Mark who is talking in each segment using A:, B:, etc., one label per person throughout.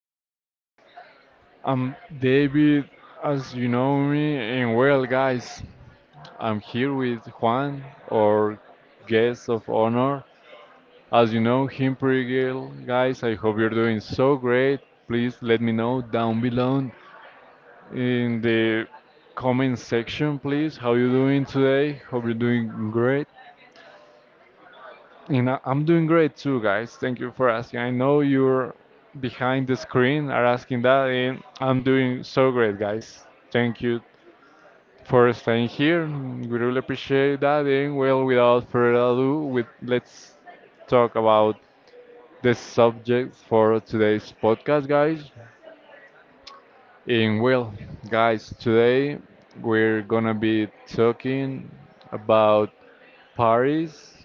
A: podcast. I'm David, as you know me, and well, guys, I'm here with Juan, our guest of honor. As you know him pretty well, guys, I hope you're doing so great. Please let me know down below in the comment section, please, how you doing today? Hope you're doing great. You know, I'm doing great too, guys. Thank you for asking. I know you're behind the screen are asking that, and I'm doing so great, guys. Thank you for staying here. We really appreciate that. And well, without further ado, with let's talk about the subject for today's podcast, guys. And well, guys, today we're gonna be talking about Paris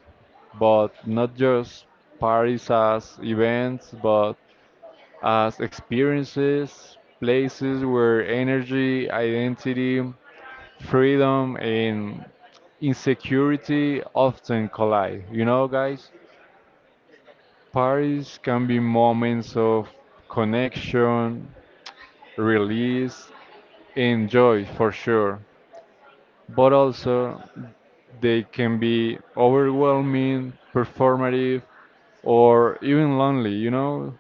A: but not just parties as events, but as experiences, places where energy, identity, freedom, and insecurity often collide. You know, guys, parties can be moments of connection, release, and joy for sure, but also they can be overwhelming, performative, or even lonely, you know?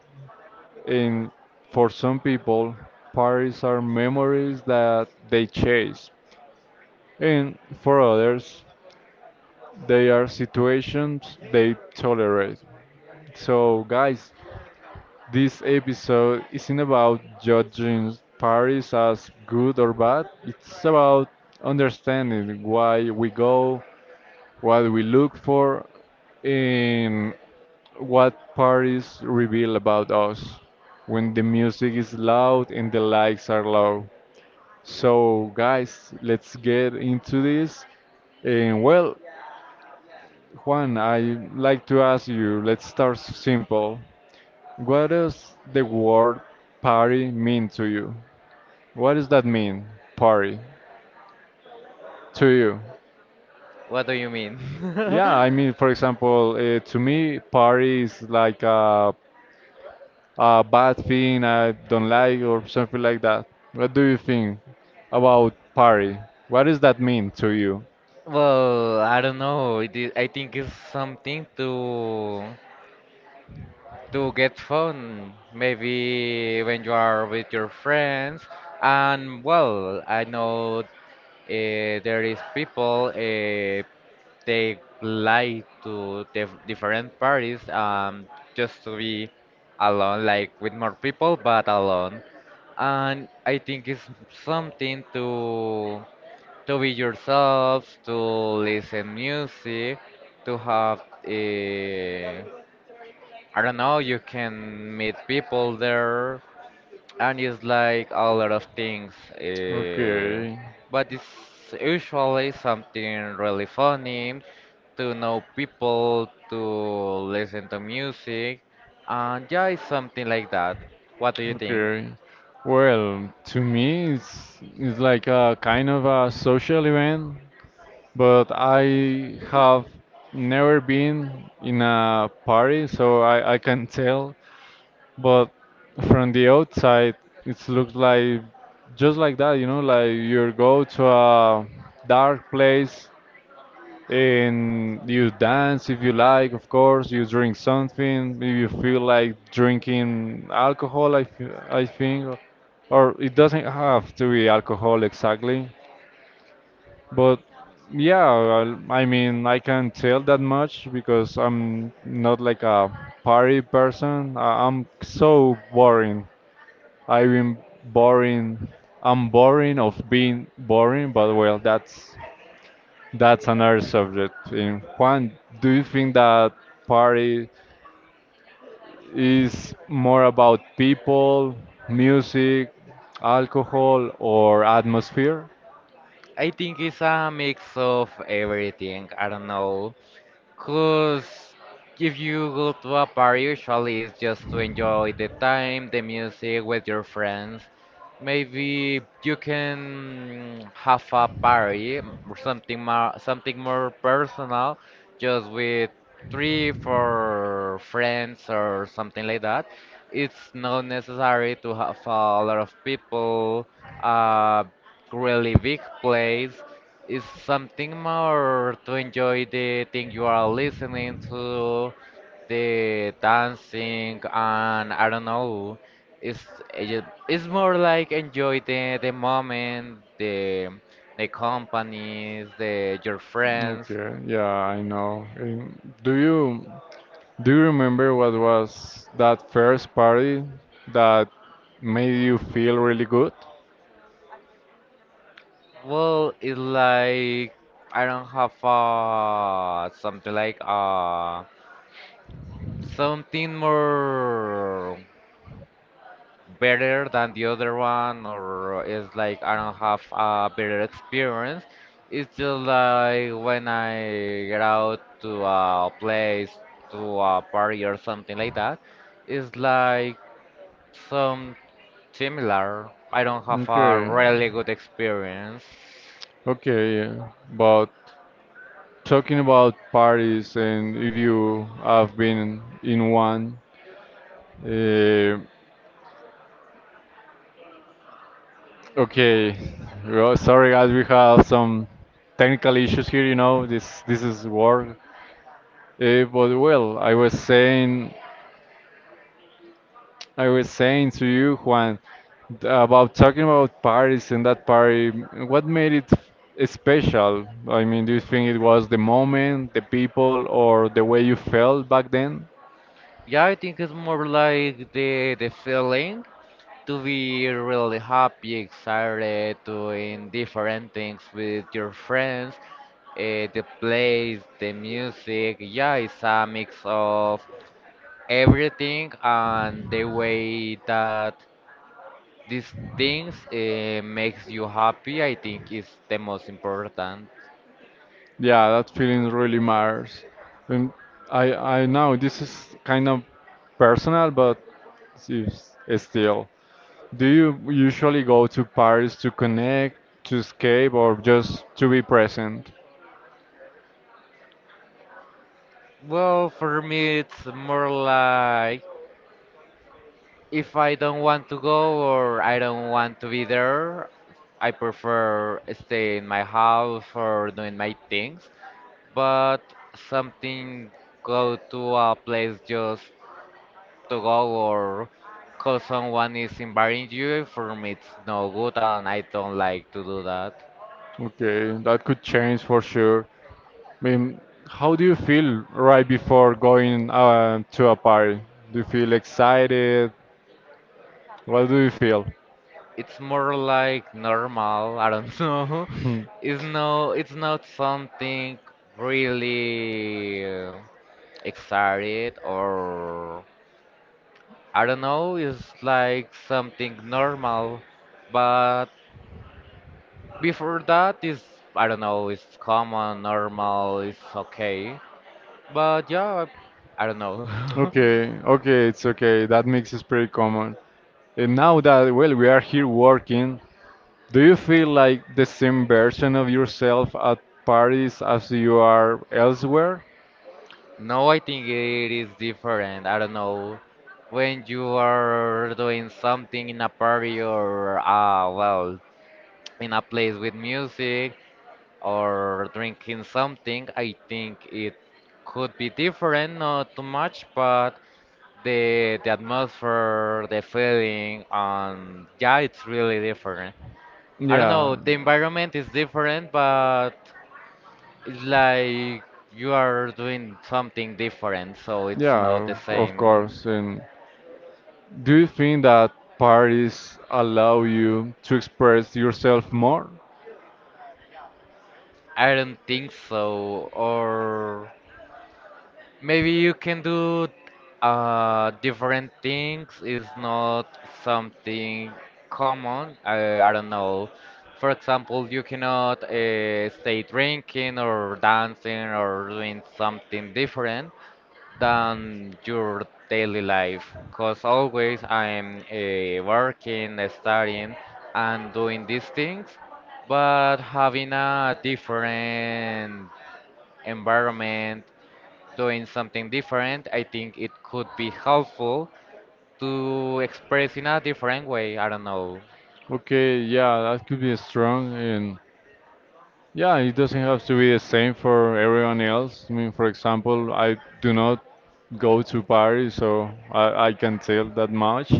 A: And for some people, parties are memories that they chase, and for others, they are situations they tolerate. So, guys, this episode isn't about judging parties as good or bad, it's about understanding why we go, what we look for, and what parties reveal about us when the music is loud and the lights are low. So, guys, let's get into this. And well, Juan, I like to ask you, let's start simple. What does the word party mean to you? What does that mean, party, to you?
B: What do you mean?
A: Yeah, I mean, for example, to me, party is like a bad thing I don't like or something like that. What do you think about party? What does that mean to you?
B: Well, I don't know. It is, I think it's something to get fun. Maybe when you are with your friends. And well, I know there is people they like to different parties just to be alone, like with more people, but alone. And I think it's something to be yourself, to listen music, to have I don't know, you can meet people there, and it's like a lot of things. eh,
A: Okay.
B: but it's usually something really funny to know people, to listen to music, and yeah, it's something like that. What do you think?
A: Okay, well, to me, it's like a kind of a social event, but I have never been in a party, so I can tell. But from the outside, it looks like just like that, you know, like you go to a dark place and you dance if you like, of course you drink something if you feel like drinking alcohol, I think, or it doesn't have to be alcohol exactly, but yeah, well, I mean I can't tell that much because I'm not like a party person. I'm so boring. I've been boring. I'm boring of being boring, but well, that's another subject. And Juan, do you think that party is more about people, music, alcohol, or atmosphere?
B: I think it's a mix of everything. I don't know. Cause if you go to a party, usually it's just to enjoy the time, the music with your friends. Maybe you can have a party or something more personal, just with three, four friends or something like that. It's not necessary to have a lot of people, a really big place. It's something more to enjoy the thing you are listening to, the dancing, and I don't know. It's it's more like enjoy the moment, the companies, the your friends.
A: Okay, yeah, I know. And do you remember what was that first party that made you feel really good?
B: Well, it's like I don't have something like something more, better than the other one or it's like I don't have a better experience. It's just like when I get out to a place, to a party or something like that. It's like some similar. I don't have a
A: Okay.
B: really good experience.
A: Okay, but talking about parties and if you have been in one, uh, okay, well, sorry guys, we have some technical issues here. You know, this is work. But well, I was saying to you, Juan, about talking about parties and that party. What made it special? I mean, do you think it was the moment, the people, or the way you felt back then?
B: Yeah, I think it's more like the feeling to be really happy, excited, doing different things with your friends. The place, the music, yeah, it's a mix of everything and the way that these things makes you happy, I think is the most important.
A: Yeah, that feeling really matters. And I know this is kind of personal, but s- still, do you usually go to Paris to connect, to escape, or just to be present?
B: Well, for me, it's more like if I don't want to go or I don't want to be there, I prefer stay in my house or doing my things. But something go to a place just to go or cause someone is inviting you, for me it's no good and I don't like to do that.
A: Okay, that could change for sure. I mean, how do you feel right before going to a party? Do you feel excited? What do you feel?
B: It's more like normal, I don't know. It's not something really excited or I don't know, it's like something normal. But before that is I don't know, it's common, normal, it's okay. But yeah, I don't know.
A: Okay, okay, it's okay. That mix is pretty common. And now that, well, we are here working, do you feel like the same version of yourself at parties as you are elsewhere?
B: No, I think it is different. I don't know. When you are doing something in a party or, well, in a place with music, or drinking something, I think it could be different, not too much, but the atmosphere, the feeling, and yeah, it's really different. I don't
A: Yeah,
B: know, the environment is different, but it's like you are doing something different, so it's not the
A: yeah, of
B: same.
A: course. And do you think that parties allow you to express yourself more?
B: I don't think so, or maybe you can do different things. It's not something common. I don't know. For example, you cannot stay drinking or dancing or doing something different than your daily life. Because always I'm working, studying, and doing these things, but having a different environment doing something different, I think it could be helpful to express in a different way. I don't know.
A: Okay, yeah, that could be strong. And yeah, it doesn't have to be the same for everyone else. I mean, for example, I do not go to Paris, so I can tell that much.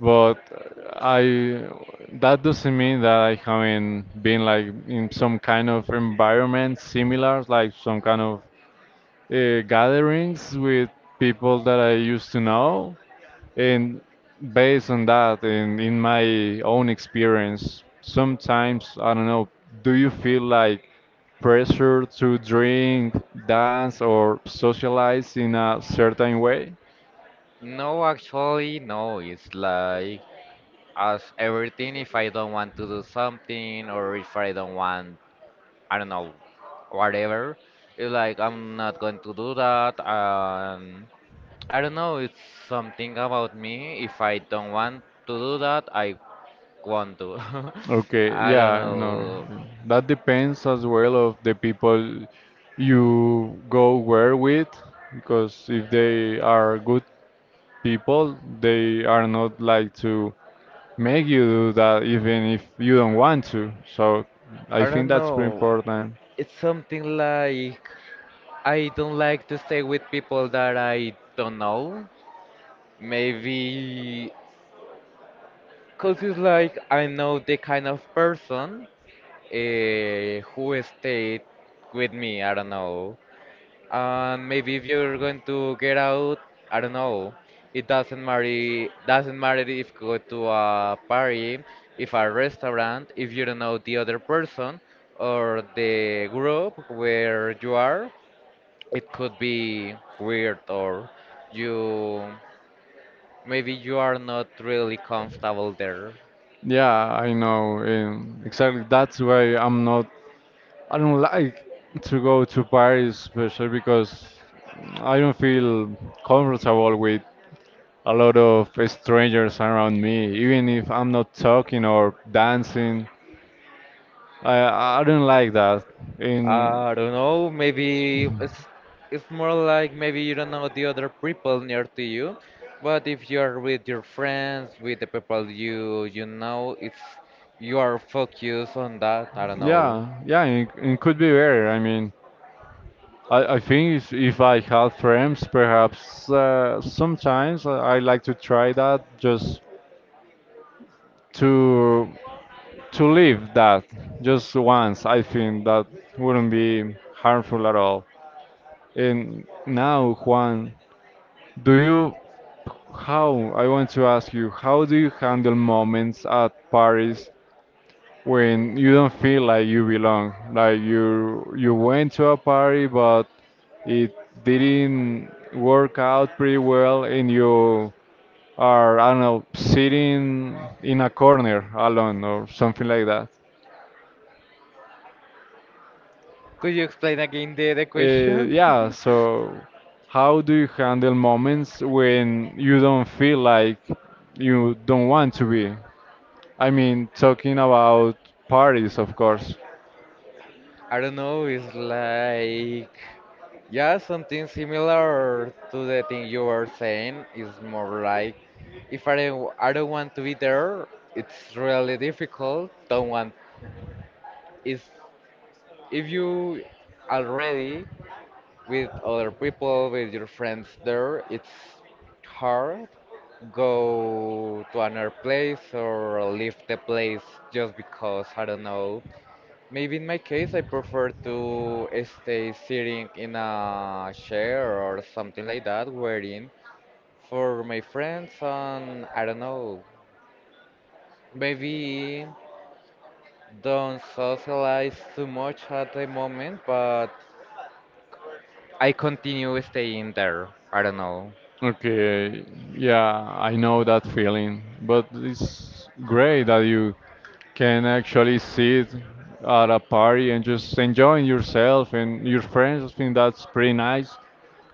A: But I that doesn't mean that I haven't been like in some kind of environment similar, like some kind of gatherings with people that I used to know. And based on that, and in my own experience, sometimes, I don't know, do you feel like pressure to drink, dance, or socialize in a certain way?
B: No, actually, no. It's like as everything, if I don't want to do something or if I don't want, I don't know, whatever, it's like I'm not going to do that. I don't know. It's something about me. If I don't want to do that, I want to.
A: Okay,
B: I don't
A: yeah, you know,
B: know.
A: that depends as well of the people you go where with, because if they are good people, they are not like to make you do that even if you don't want to. So I
B: I
A: think
B: don't
A: that's pretty
B: know.
A: important.
B: It's something like I don't like to stay with people that I don't know. Maybe because it's like I know the kind of person who stayed with me. I don't know. And maybe if you're going to get out, I don't know. It doesn't matter. Doesn't matter if you go to a party, if a restaurant, if you don't know the other person or the group where you are. It could be weird or you maybe you are not really comfortable there.
A: Yeah, I know. And exactly that's why I'm not, I don't like to go to Paris, especially because I don't feel comfortable with a lot of strangers around me, even if I'm not talking or dancing. I don't like that. And
B: I don't know, maybe it's more like maybe you don't know the other
A: don't
B: people near to you, but if you are with your friends, with the people you know, it's you are focused on that. I don't
A: moment.
B: know.
A: Yeah, yeah, it could be better. I mean, I think if I have friends, perhaps sometimes I like to try that just to to live that just once. I think that wouldn't be harmful at all. And now, Juan, do you, how, I want to ask you, how do you handle moments at parties when you don't feel like you belong? Like you went to a party but it didn't work out pretty well and you are, I don't know, sitting in a corner alone or something like that.
B: Could you explain again the question?
A: Yeah, so how do you handle moments when you don't feel like you don't want to be? I mean, talking about parties, of course.
B: I don't know, it's like yeah, something similar to the thing you were saying. It's more like if I don't want to be there, it's really difficult. Don't want is if you already with other people, with your friends there, it's hard go to another place or leave the place just because I don't know. Maybe in my case, I prefer to stay sitting in a chair or something like that, waiting for my friends, and I don't know, maybe don't socialize too much at the moment, but I continue staying there. I don't know.
A: Okay, yeah, I know that feeling, but it's great that you can actually sit at a party and just enjoying yourself and your friends. I think that's pretty nice.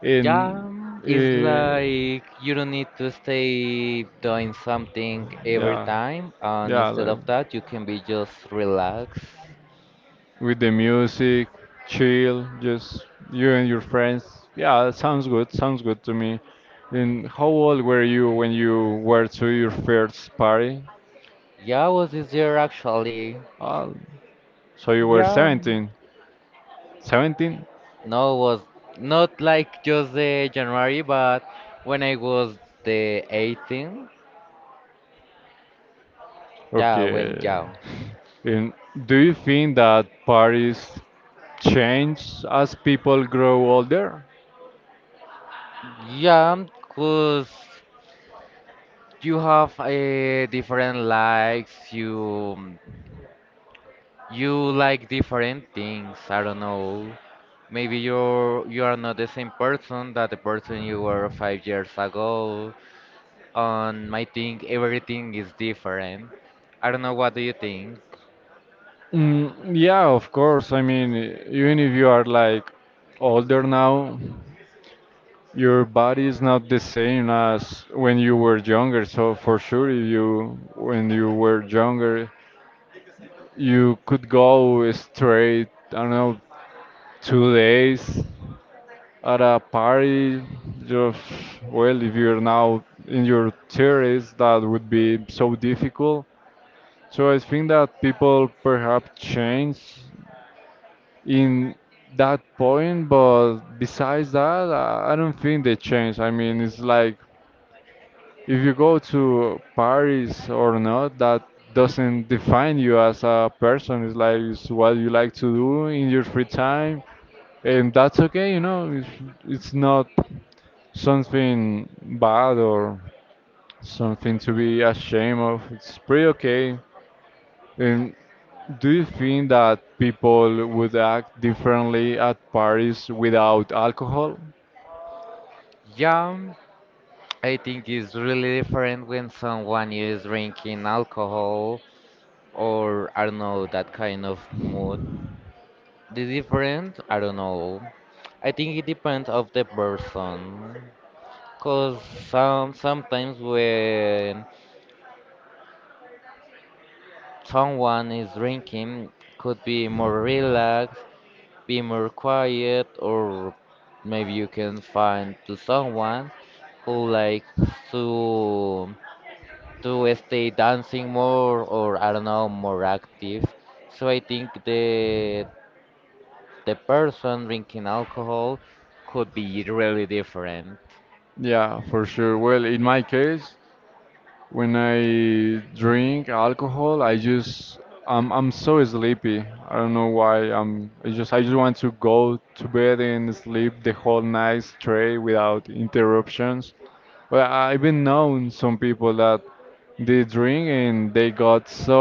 A: And
B: Yeah, it's
A: uh,
B: like you don't need to stay doing something every
A: yeah,
B: time, and
A: yeah,
B: instead
A: like
B: of that, you can be just relaxed.
A: with the music, chill, just you and your friends. Yeah, that sounds good. Sounds good to me. And how old were you when you were to your first party?
B: Yeah, was this year actually.
A: Uh, so you were
B: Yeah,
A: 17. 17?
B: no, it was not like just the January, but when I was the 18, yeah, when
A: Okay.
B: yeah,
A: And do you think that parties change as people grow older?
B: yeah, cause you have a different likes, you like different things. I don't know. Maybe you are not the same person that the person you were 5 years ago. And I think everything is different. I don't know. What do you think?
A: Mm, yeah, of course. I mean, even if you are like older now, your body is not the same as when you were younger, so for sure if you when you were younger, you could go straight, I don't know, 2 days at a party. Just well, if you're now in your theories, that would be so difficult. So I think that people perhaps change in that point, but besides that, I don't think they change. I mean, it's like if you go to Paris or not, that doesn't define you as a person. It's like it's what you like to do in your free time, and that's okay. You know, it's not something bad or something to be ashamed of. It's pretty okay. And do you think that people would act differently at parties without alcohol?
B: Yeah. I think it's really different when someone is drinking alcohol or I don't know that kind of mood. The different, I don't know. I think it depends of the person. Cause sometimes when someone is drinking, could be more relaxed, be more quiet, or maybe you can find to someone who likes to to stay dancing more or I don't know more active. So I think the person drinking alcohol could be really different.
A: Yeah, for sure. Well, in my case, when I drink alcohol, I just I'm so sleepy. I don't know why. I just want to go to bed and sleep the whole night straight without interruptions. But I've been known some people that they drink and they got so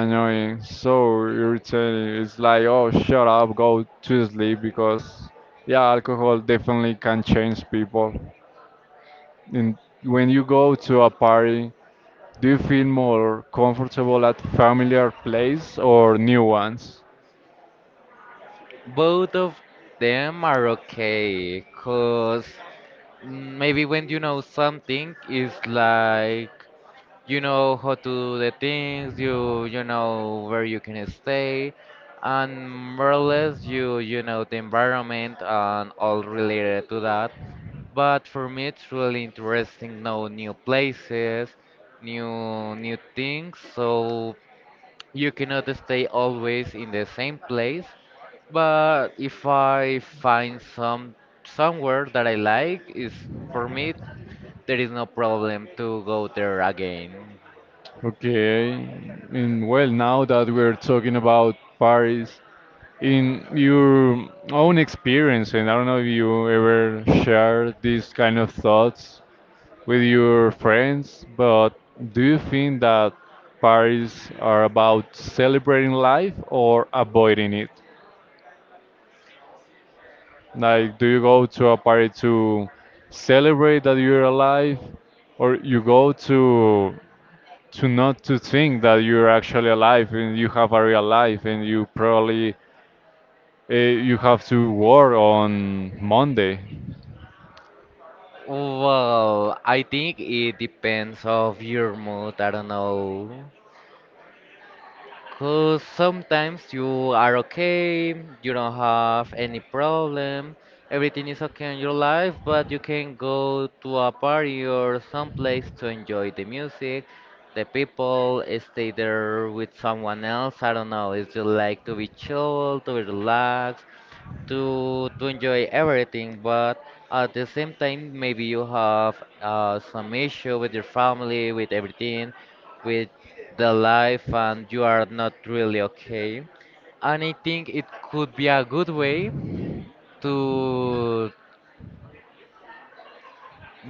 A: annoying, so irritating. It's like, oh, shut up, go to sleep because yeah, alcohol definitely can change people. And when you go to a party, do you feel more comfortable at familiar place or new ones?
B: Both of them are okay, cause maybe when you know something, it's like you know how to do the things you know where you can stay and more or less you know the environment and all related to that. But for me it's really interesting know new places, new things. So you cannot stay always in the same place, but if I find somewhere that I like is for me there is no problem to go there again.
A: Okay, and well, now that we're talking about Paris, in your own experience, and I don't know if you ever share these kind of thoughts with your friends, but do you think that Paris are about celebrating life or avoiding it? Like, do you go to a party to celebrate that you're alive, or you go to not to think that you're actually alive and you have a real life and you probably you have to work on Monday?
B: Well, I think it depends of your mood. I don't know. Cause sometimes you are okay, you don't have any problem, everything is okay in your life, but you can go to a party or some place to enjoy the music, the people, stay there with someone else. I don't know. It's just like to be chill, to be relaxed to enjoy everything, but at the same time, maybe you have some issue with your family, with everything, with the life, and you are not really okay. And I think it could be a good way to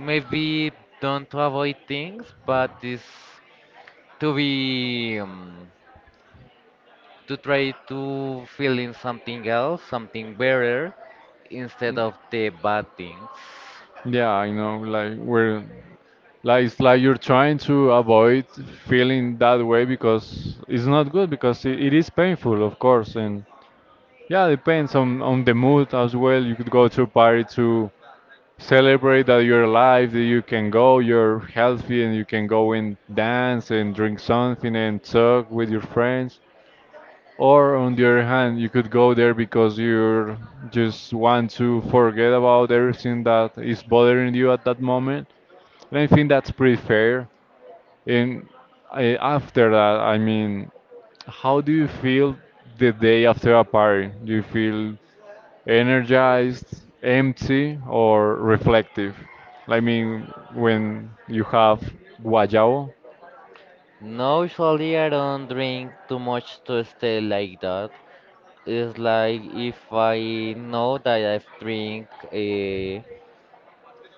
B: maybe don't to avoid things, but is to be to try to fill in something else, something better, instead of the bad things.
A: Yeah, I know. Like we're like it's like you're trying to avoid feeling that way because it's not good because it is painful, of course, and yeah, depends on the mood as well. You could go to a party to celebrate that you're alive, that you can go, you're healthy, and you can go and dance and drink something and talk with your friends. Or on the other hand, you could go there because you just want to forget about everything that is bothering you at that moment. And I think that's pretty fair. And I, after that, I mean, how do you feel the day after a party? Do you feel energized, empty, or reflective? I mean, when you have guayabo.
B: No, usually I don't drink too much to stay like that. It's like if I know that I've drink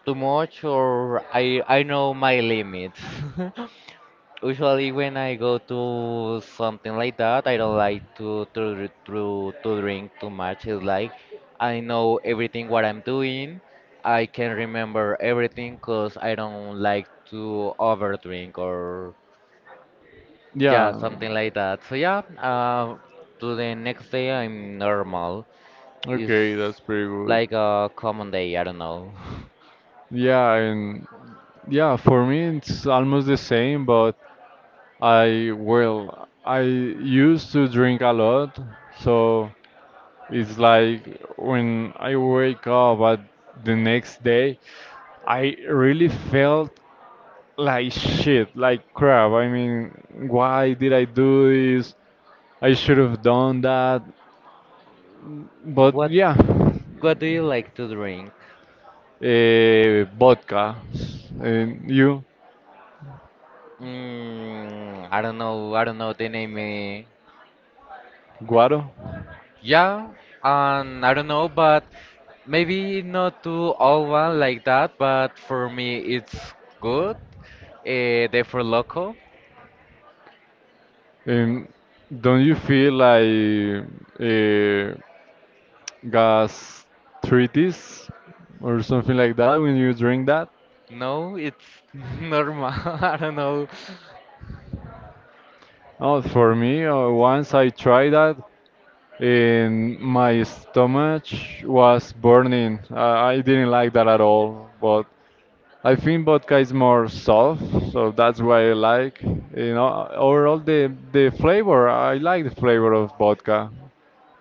B: too much or I know my limits. Usually when I go to something like that, I don't like to dr- to drink too much. It's like I know everything what I'm doing. I can remember everything because I don't like to overdrink, or yeah,
A: Yeah.
B: something like that. So yeah, to the next day I'm normal. It's
A: Okay, that's pretty good.
B: like a common day, I don't know.
A: Yeah, and yeah, for me it's almost the same, but I, well, I used to drink a lot, so it's like when I wake up at the next day, I really felt like shit, like crap. I mean, why did I do this? I should have done that. But
B: What
A: yeah,
B: what do you like to drink?
A: eh, vodka. And you,
B: Mm, I don't know. I don't know the name. Eh.
A: guaro,
B: Yeah, and I don't know, but maybe not to all one like that. But for me, it's good. The for loco.
A: and don't you feel like uh, gastritis or something like that when you drink that?
B: No, it's normal. I don't know.
A: Oh, for me, once I tried that, and my stomach was burning. I didn't like that at all, but I think vodka is more soft, so that's why I like. Overall the flavor, I like the flavor of vodka.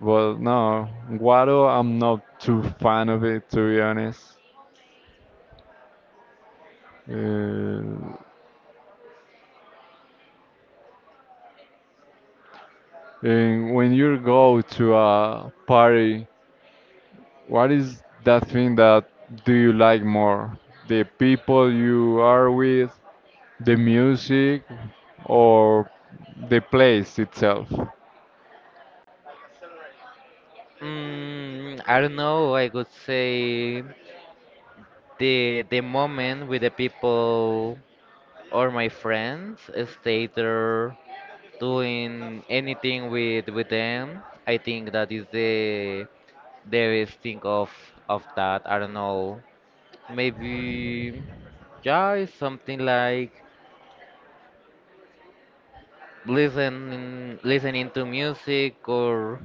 A: Well, no, guaro, I'm not too fan of it to be honest. Uh, and when you go to a party, what is that thing that do you like more? The people you are with, the music, or the place itself?
B: Mm, I don't know. I would say the moment with the people or my friends stay there doing anything with them. I think that is the best thing of that. I don't know. Maybe yeah, it's something like listening to music or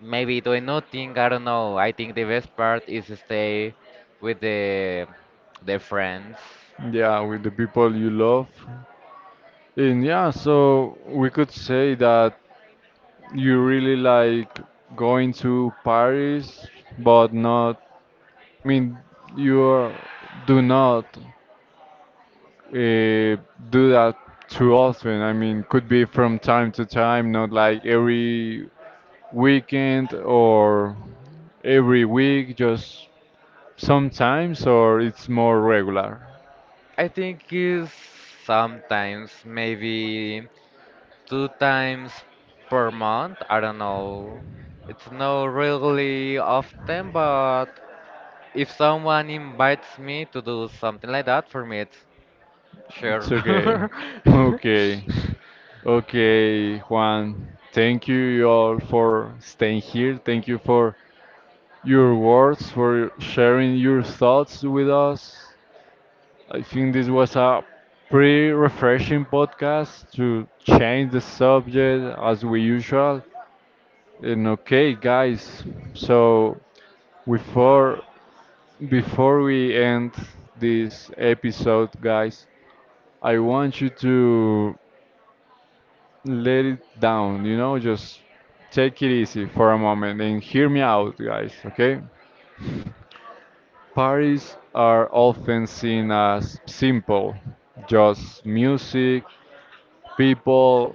B: maybe doing nothing. I don't know. I think the best part is stay with the friends.
A: Yeah, with the people you love. And yeah, so we could say that you really like going to Paris, but not, I mean, you are, do not uh, do that too often. I mean, could be from time to time, not like every weekend or every week, just sometimes, or it's more regular.
B: I think is sometimes maybe two times per month. I don't know. It's not really often, but if someone invites me to do something like that, for me it's
A: It's okay.
B: sure.
A: Okay. Okay, Juan, thank you all for staying here. Thank you for your words, for sharing your thoughts with us. I think this was a pretty refreshing podcast to change the subject as we usual. And okay, guys, so before before we end this episode, guys, I want you to let it down, just take it easy for a moment and hear me out, guys, okay? Parties are often seen as simple, just music, people,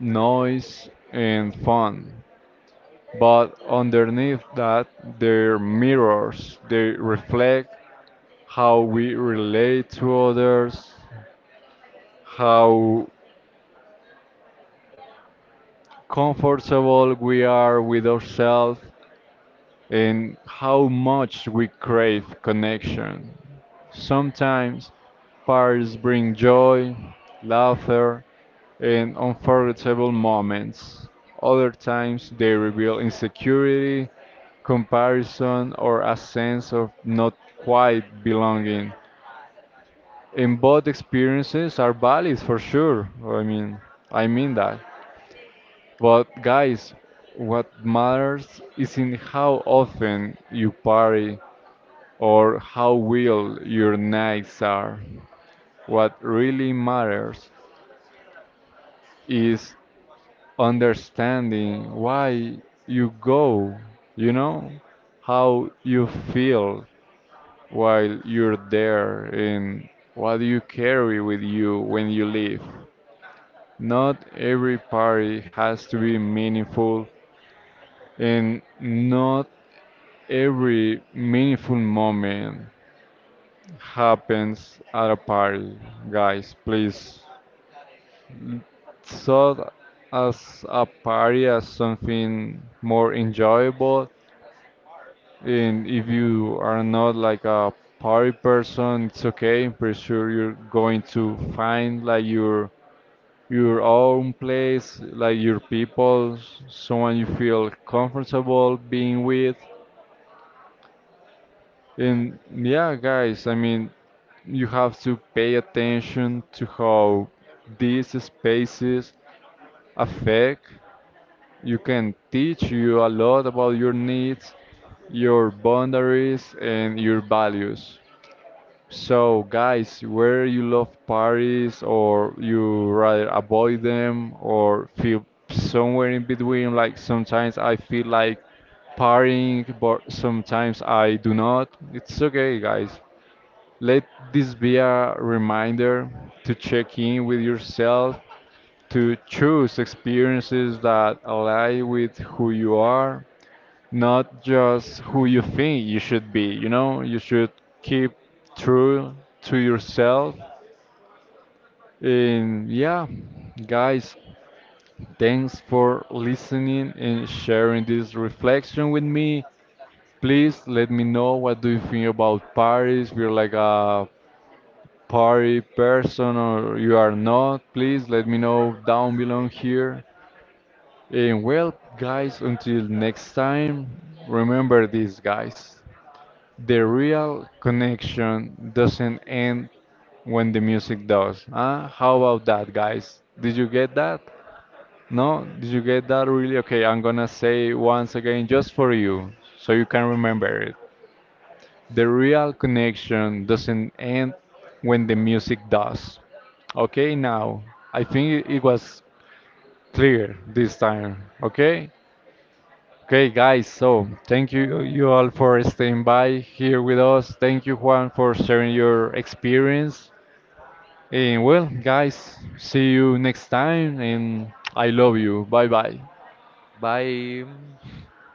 A: noise, and fun. But underneath that, they're mirrors. They reflect how we relate to others, how comfortable we are with ourselves, and how much we crave connection. Sometimes parties bring joy, laughter, and unforgettable moments. Other times they reveal insecurity, comparison, or a sense of not quite belonging. And both experiences are valid for sure. I mean that. But guys, what matters is in how often you party or how wild your nights are. What really matters is understanding why you go, you know, how you feel while you're there and what you carry with you when you leave. Not every party has to be meaningful and not every meaningful moment happens at a party. Guys, please thought as a party as something more enjoyable. And if you are not like a party person, it's okay. I'm pretty sure you're going to find like your own place, like your people, someone you feel comfortable being with. And yeah, guys, I mean, you have to pay attention to how these spaces affect you can teach you a lot about your needs, your boundaries, and your values. So, guys, where you love parties or you rather avoid them or feel somewhere in between, like sometimes I feel like partying, but sometimes I do not. It's okay, guys. Let this be a reminder to check in with yourself to choose experiences that align with who you are, not just who you think you should be. You should keep true to yourself. And yeah, guys, thanks for listening and sharing this reflection with me. Please let me know what do you think about Paris. You are like a party person or you are not. Please let me know down below here. And well, guys, until next time, remember this, guys. The real connection doesn't end when the music does. Huh? How about that, guys? Did you get that? No? Did you get that really? Okay, I'm gonna say once again just for you so you can remember it. The real connection doesn't end when the music does. Okay, now I think it was clear this time. Okay? Okay, guys, so thank you all for staying by here with us. Thank you, Juan, for sharing your experience. And well, guys, see you next time, and I love you. Bye bye.
B: Bye.